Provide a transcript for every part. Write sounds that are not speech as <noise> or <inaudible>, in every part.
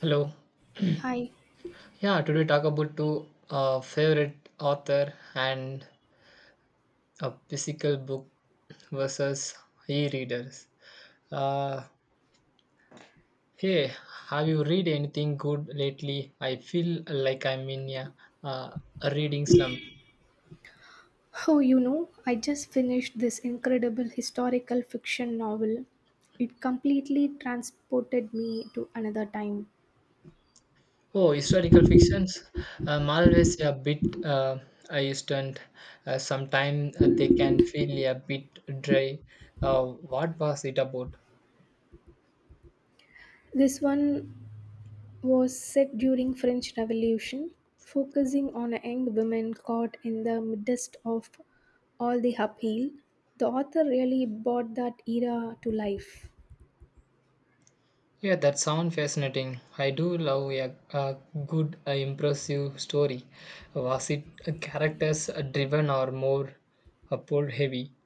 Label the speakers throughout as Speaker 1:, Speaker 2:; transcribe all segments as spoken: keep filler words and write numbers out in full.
Speaker 1: Hello.
Speaker 2: Hi.
Speaker 1: <clears throat> Yeah, today talk about two uh, favorite author and a physical book versus e-readers. Uh, hey, have you read anything good lately? I feel like I'm in a, uh, a reading slump.
Speaker 2: Oh, you know, I just finished this incredible historical fiction novel. It completely transported me to another time.
Speaker 1: Oh, historical fictions. I'm always a bit uh, hesitant. Uh, sometimes they can feel a bit dry. Uh, what was it about?
Speaker 2: This one was set during French Revolution, focusing on a young woman caught in the midst of all the upheaval. The author really brought that era to life.
Speaker 1: Yeah, that sounds fascinating. I do love a, a good, uh, impressive story. Was it uh, characters uh, driven or more uh, plot heavy?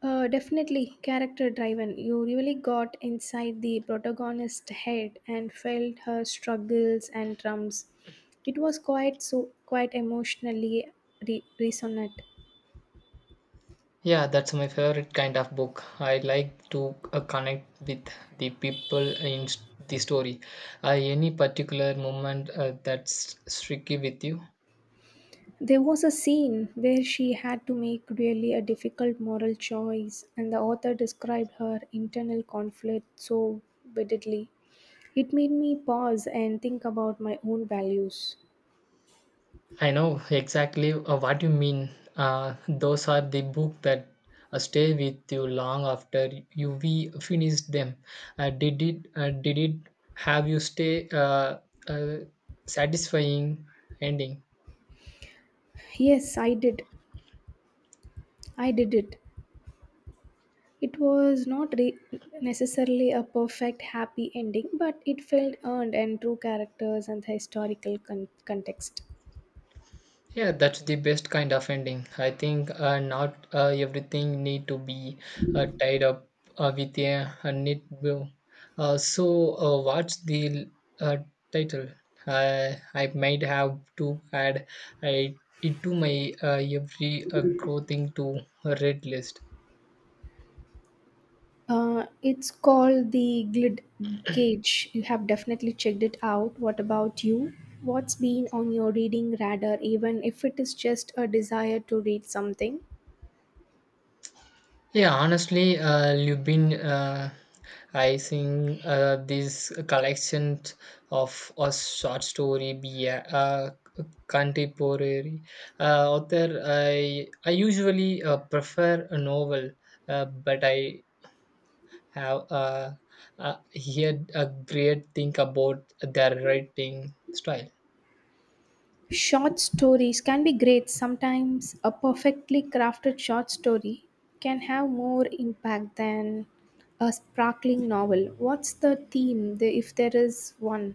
Speaker 2: Uh, definitely character driven. You really got inside the protagonist's head and felt her struggles and trumps. It was quite so quite emotionally re- resonant.
Speaker 1: Yeah, that's my favorite kind of book. I like to uh, connect with the people in s- the story. Uh, any particular moment uh, that's sticky with you?
Speaker 2: There was a scene where she had to make really a difficult moral choice, and the author described her internal conflict so vividly. It made me pause and think about my own values.
Speaker 1: I know exactly uh, what you mean. Uh, those are the book that uh, stay with you long after you we finished them. Uh, did it? Uh, did it have you stay uh, uh, satisfying ending?
Speaker 2: Yes, I did. I did it. It was not re- necessarily a perfect happy ending, but it felt earned and true characters and historical con- context.
Speaker 1: Yeah, that's the best kind of ending. I think uh, not uh, everything need to be uh, tied up uh, with a, a neat bow. Uh, so, uh, what's the uh, title? Uh, I might have to add I, it to my uh, every uh, growing to a red list.
Speaker 2: Uh, it's called the Glid Gauge. You have definitely checked it out. What about you? What's been on your reading radar, even if it is just a desire to read something?
Speaker 1: Yeah, honestly, uh, you've been uh, I think uh, these collections of a short story be a uh, contemporary uh, author. I I usually uh, prefer a novel, uh, but I have uh, uh, heard a great thing about their writing style.
Speaker 2: Short stories can be great. Sometimes a perfectly crafted short story can have more impact than a sparkling novel. What's the theme, the- if there is one?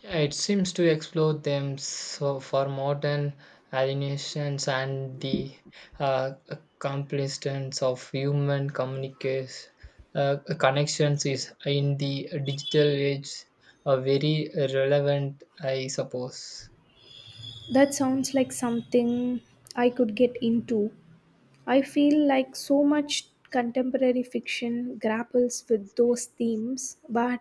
Speaker 1: Yeah, it seems to explore them so for modern alienations and the uh, accomplishments of human communication uh, connections is in the digital age, uh, very relevant, I suppose.
Speaker 2: That sounds like something I could get into. I feel like so much contemporary fiction grapples with those themes, but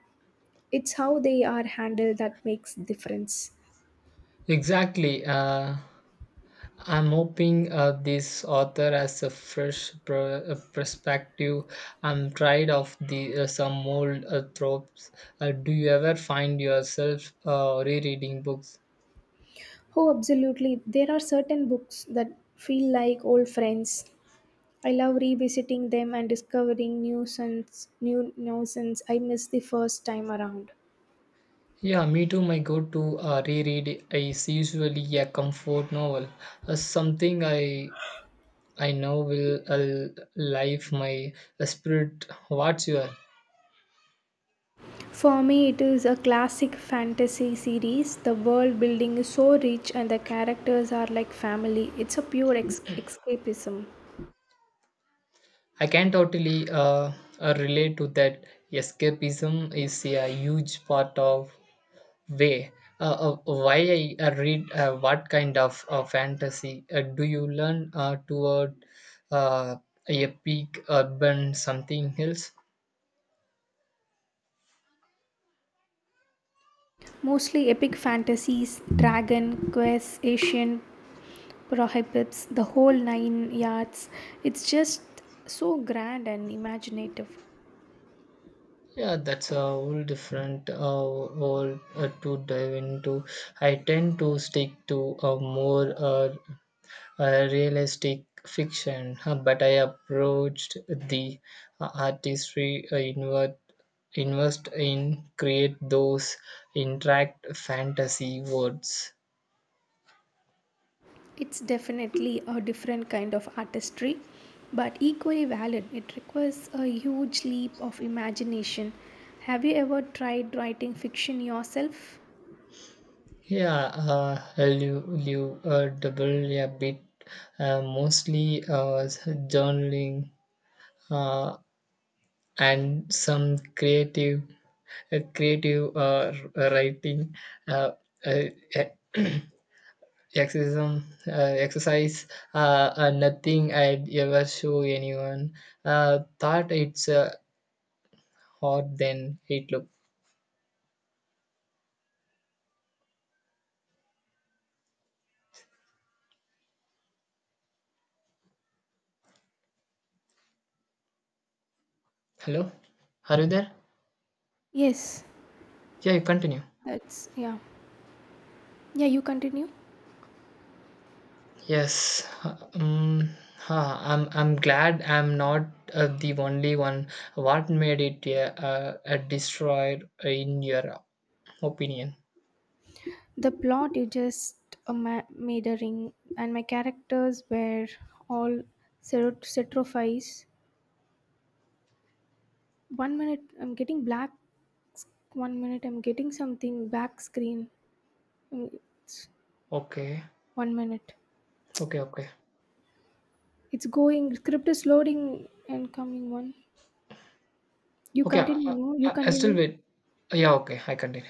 Speaker 2: it's how they are handled that makes difference.
Speaker 1: Exactly. Uh, I'm hoping uh, this author has a fresh pr- uh, perspective. I'm tired of the uh, some old uh, tropes. Uh, do you ever find yourself uh, rereading books?
Speaker 2: Oh, absolutely. There are certain books that feel like old friends I love revisiting them and discovering new sense, new nuisance I missed the first time around.
Speaker 1: Yeah, me too. My go-to uh, reread is usually a comfort novel, uh, something I I know will uh, life my spirit. What's your?
Speaker 2: For me, it is a classic fantasy series. The world building is so rich and the characters are like family. It's a pure ex- escapism.
Speaker 1: I can totally uh, uh, relate to that. Escapism is a huge part of way. Uh, uh, why I uh, read uh, what kind of uh, fantasy uh, do you learn uh, toward uh, a peak urban something else?
Speaker 2: Mostly epic fantasies, dragon, quests, Asian prohibits, the whole nine yards. It's just so grand and imaginative.
Speaker 1: Yeah, that's a whole different uh, whole uh, to dive into. I tend to stick to a more uh, a realistic fiction, uh, but I approached the uh, artistry I invert, invest in create those interact fantasy words.
Speaker 2: It's definitely a different kind of artistry, but equally valid. It requires a huge leap of imagination. Have you ever tried writing fiction yourself?
Speaker 1: Yeah, uh, live, live uh, double a bit, uh, mostly uh, journaling uh, and some creative, uh, creative uh, writing. Uh, uh, <clears throat> Exorcism, uh, exercise, uh, uh, nothing I'd ever show anyone. Uh, thought it's uh, hot, then it looked. Hello, are you there?
Speaker 2: Yes,
Speaker 1: Yeah, you continue.
Speaker 2: that's yeah. Yeah, you continue.
Speaker 1: Yes, um, huh, I'm. I'm glad I'm not uh, the only one. What made it uh, uh, uh, destroyed in your opinion?
Speaker 2: The plot you just a ma- made a ring, and my characters were all serot- setrophiles. One minute I'm getting black, one minute I'm getting something back screen. Mm, it's
Speaker 1: Okay,
Speaker 2: One minute.
Speaker 1: okay, okay,
Speaker 2: It's going. Script is loading and coming one. You
Speaker 1: okay.
Speaker 2: continue.
Speaker 1: I,
Speaker 2: No? You
Speaker 1: I, I still
Speaker 2: continue.
Speaker 1: wait. Yeah, okay, I continue.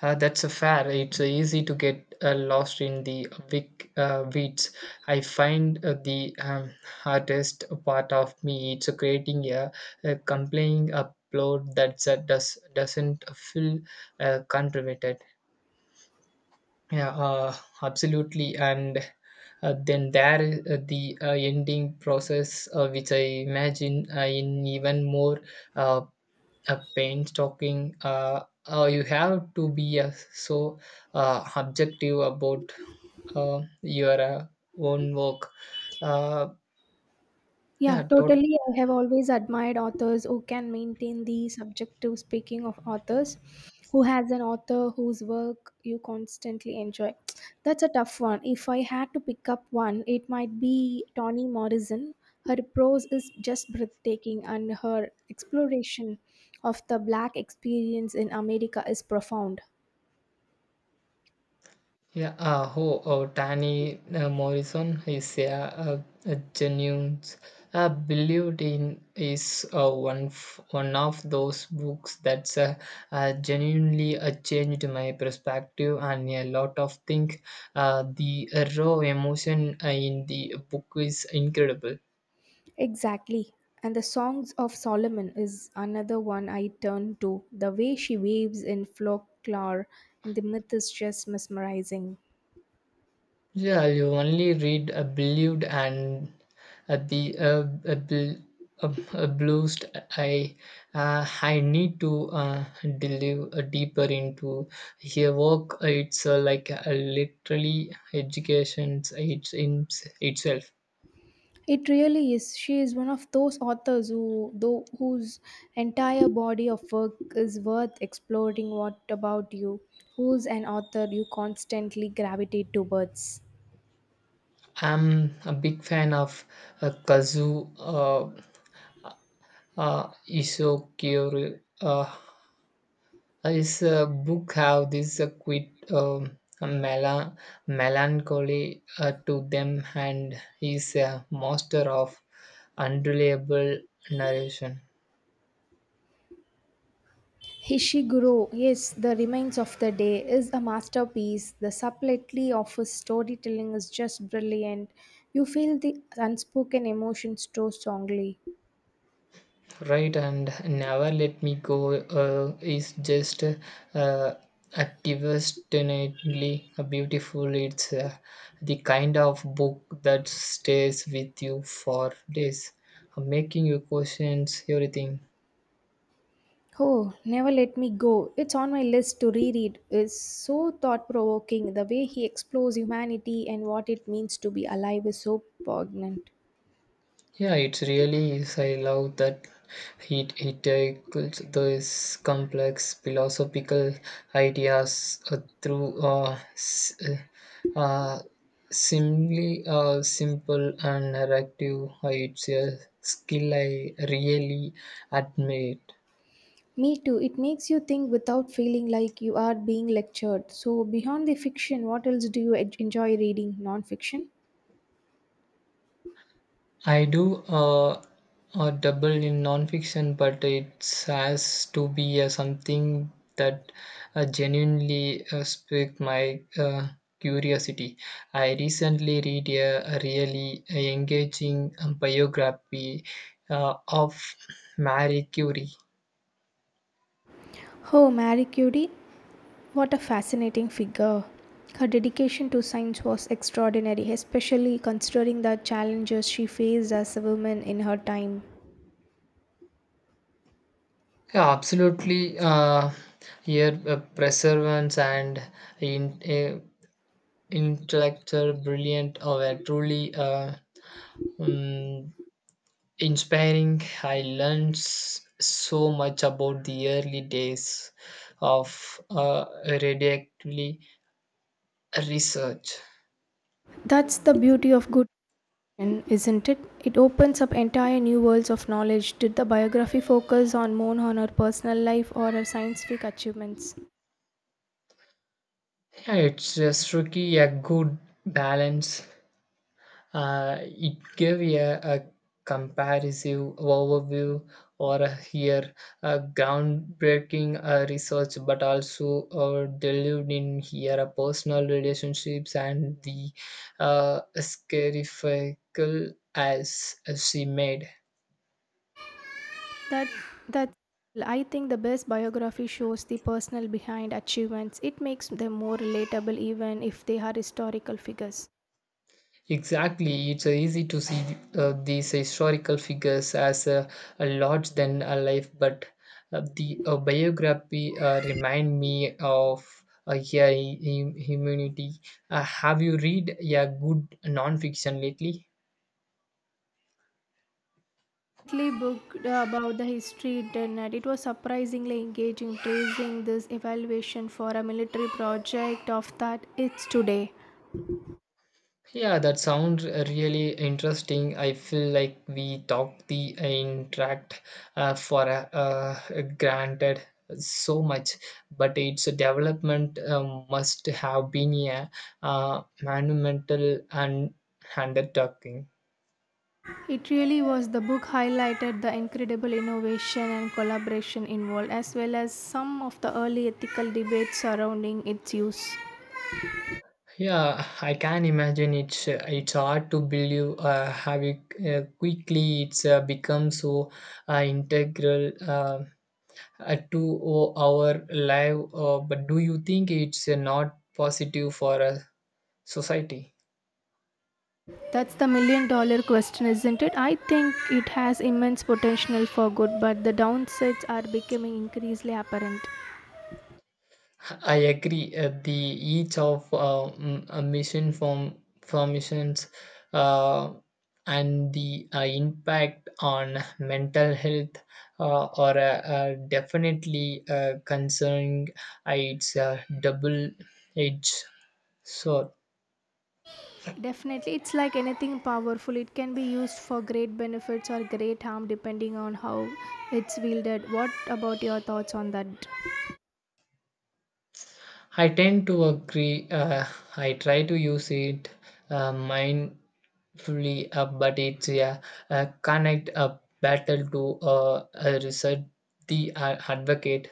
Speaker 1: Uh, that's a fair. It's easy to get uh, lost in the big uh, weeds. I find uh, the um, hardest part of me it's creating a, a compelling upload that uh, does doesn't feel uh, contributed. Yeah, uh, absolutely. And uh, then there is uh, the uh, ending process, uh, which I imagine uh, in even more uh, a painstaking uh, uh, you have to be uh, so uh, objective about uh, your uh, own work, uh,
Speaker 2: Yeah,
Speaker 1: yeah, tot-
Speaker 2: totally. I have always admired authors who can maintain the subjective speaking of authors, who has an author whose work you constantly enjoy. That's a tough one. If I had to pick up one, it might be Toni Morrison. Her prose is just breathtaking, and her exploration of the black experience in America is profound.
Speaker 1: yeah, uh, oh, oh, Danny uh, Morrison is a, a, a genuine uh, believed in is uh, one f- one of those books that's uh, uh, genuinely uh, changed my perspective and a lot of things. Uh, the raw emotion uh, in the book is incredible.
Speaker 2: Exactly. And the Songs of Solomon is another one I turn to. The way she waves in folklore and the myth is just mesmerizing.
Speaker 1: Yeah, you only read a believed and uh, the uh, a, bl- a, a bluest I uh, I need to uh, delve uh, deeper into her work. It's uh, like a literally education it's in itself.
Speaker 2: It really is. She is one of those authors who, though, whose entire body of work is worth exploring. What about you? Who's an author you constantly gravitate towards?
Speaker 1: I'm a big fan of uh, Kazu uh, uh, Isokiro. Uh, His uh, book have this uh, quite um, mela- melancholy uh, to them, and he's a master of unreliable narration.
Speaker 2: Hishiguro, yes, The Remains of the Day is a masterpiece. The subtlety of his storytelling is just brilliant. You feel the unspoken emotions so strongly.
Speaker 1: Right, and never let me go uh, is just uh, a devastatingly beautiful. It's uh, the kind of book that stays with you for days, making you questions everything.
Speaker 2: Oh, Never Let Me Go. It's on my list to reread. It's so thought provoking. The way he explores humanity and what it means to be alive is so poignant.
Speaker 1: Yeah, it really is. I love that he, he tackles those complex philosophical ideas uh, through uh, s- uh, uh, simply uh, simple and narrative. Uh, It's a skill I really admire.
Speaker 2: Me too. It makes you think without feeling like you are being lectured. So, beyond the fiction, what else do you en- enjoy reading? Non fiction?
Speaker 1: I do uh, a double in nonfiction, but it has to be uh, something that uh, genuinely uh, sparked my uh, curiosity. I recently read a really engaging um, biography uh, of Marie Curie.
Speaker 2: Oh, Marie Curie, what a fascinating figure. Her dedication to science was extraordinary, especially considering the challenges she faced as a woman in her time.
Speaker 1: Yeah, absolutely. Uh, here, uh, perseverance and in, uh, intellectual brilliant were truly uh, um, inspiring. I learned s- so much about the early days of uh, radioactively research.
Speaker 2: That's the beauty of good fiction, isn't it? It opens up entire new worlds of knowledge. Did the biography focus on more on her personal life or her scientific achievements?
Speaker 1: Yeah, it's just tricky a good balance. Uh, it gave a, a comparative overview or a here a groundbreaking uh, research, but also uh, delved in here a personal relationships and the uh, scarifical as she made.
Speaker 2: That that I think the best biography shows the personal behind achievements. It makes them more relatable even if they are historical figures.
Speaker 1: Exactly, it's uh, easy to see uh, these historical figures as uh, a large than alive, but uh, the uh, biography uh, remind me of uh, yeah, hum- humanity. Uh, have you read a good non-fiction lately?
Speaker 2: Recently booked about the history internet. It was surprisingly engaging tracing this evaluation for a military project of that it's today.
Speaker 1: Yeah, that sounds really interesting. I feel like we talk the interact uh, for uh, uh, granted so much, but its development uh, must have been a uh, monumental and undertaking.
Speaker 2: It really was the book highlighted the incredible innovation and collaboration involved as well as some of the early ethical debates surrounding its use.
Speaker 1: Yeah, I can imagine it's uh, it's hard to believe uh, how it, uh, quickly it's uh, become so uh, integral. Um, uh, to o- our life, uh, but do you think it's uh, not positive for a society?
Speaker 2: That's the million dollar question, isn't it? I think it has immense potential for good, but the downsides are becoming increasingly apparent.
Speaker 1: I agree, uh, the each of uh, mm, a mission from formations uh, and the uh, impact on mental health uh, are uh, uh, definitely uh, concerning, uh, its a double edge sword.
Speaker 2: Definitely, it's like anything powerful. It can be used for great benefits or great harm depending on how it's wielded. What about your thoughts on that?
Speaker 1: I tend to agree. Uh, I try to use it uh, mindfully, uh, but it's a, a connect a battle to uh, uh, research the uh, advocate.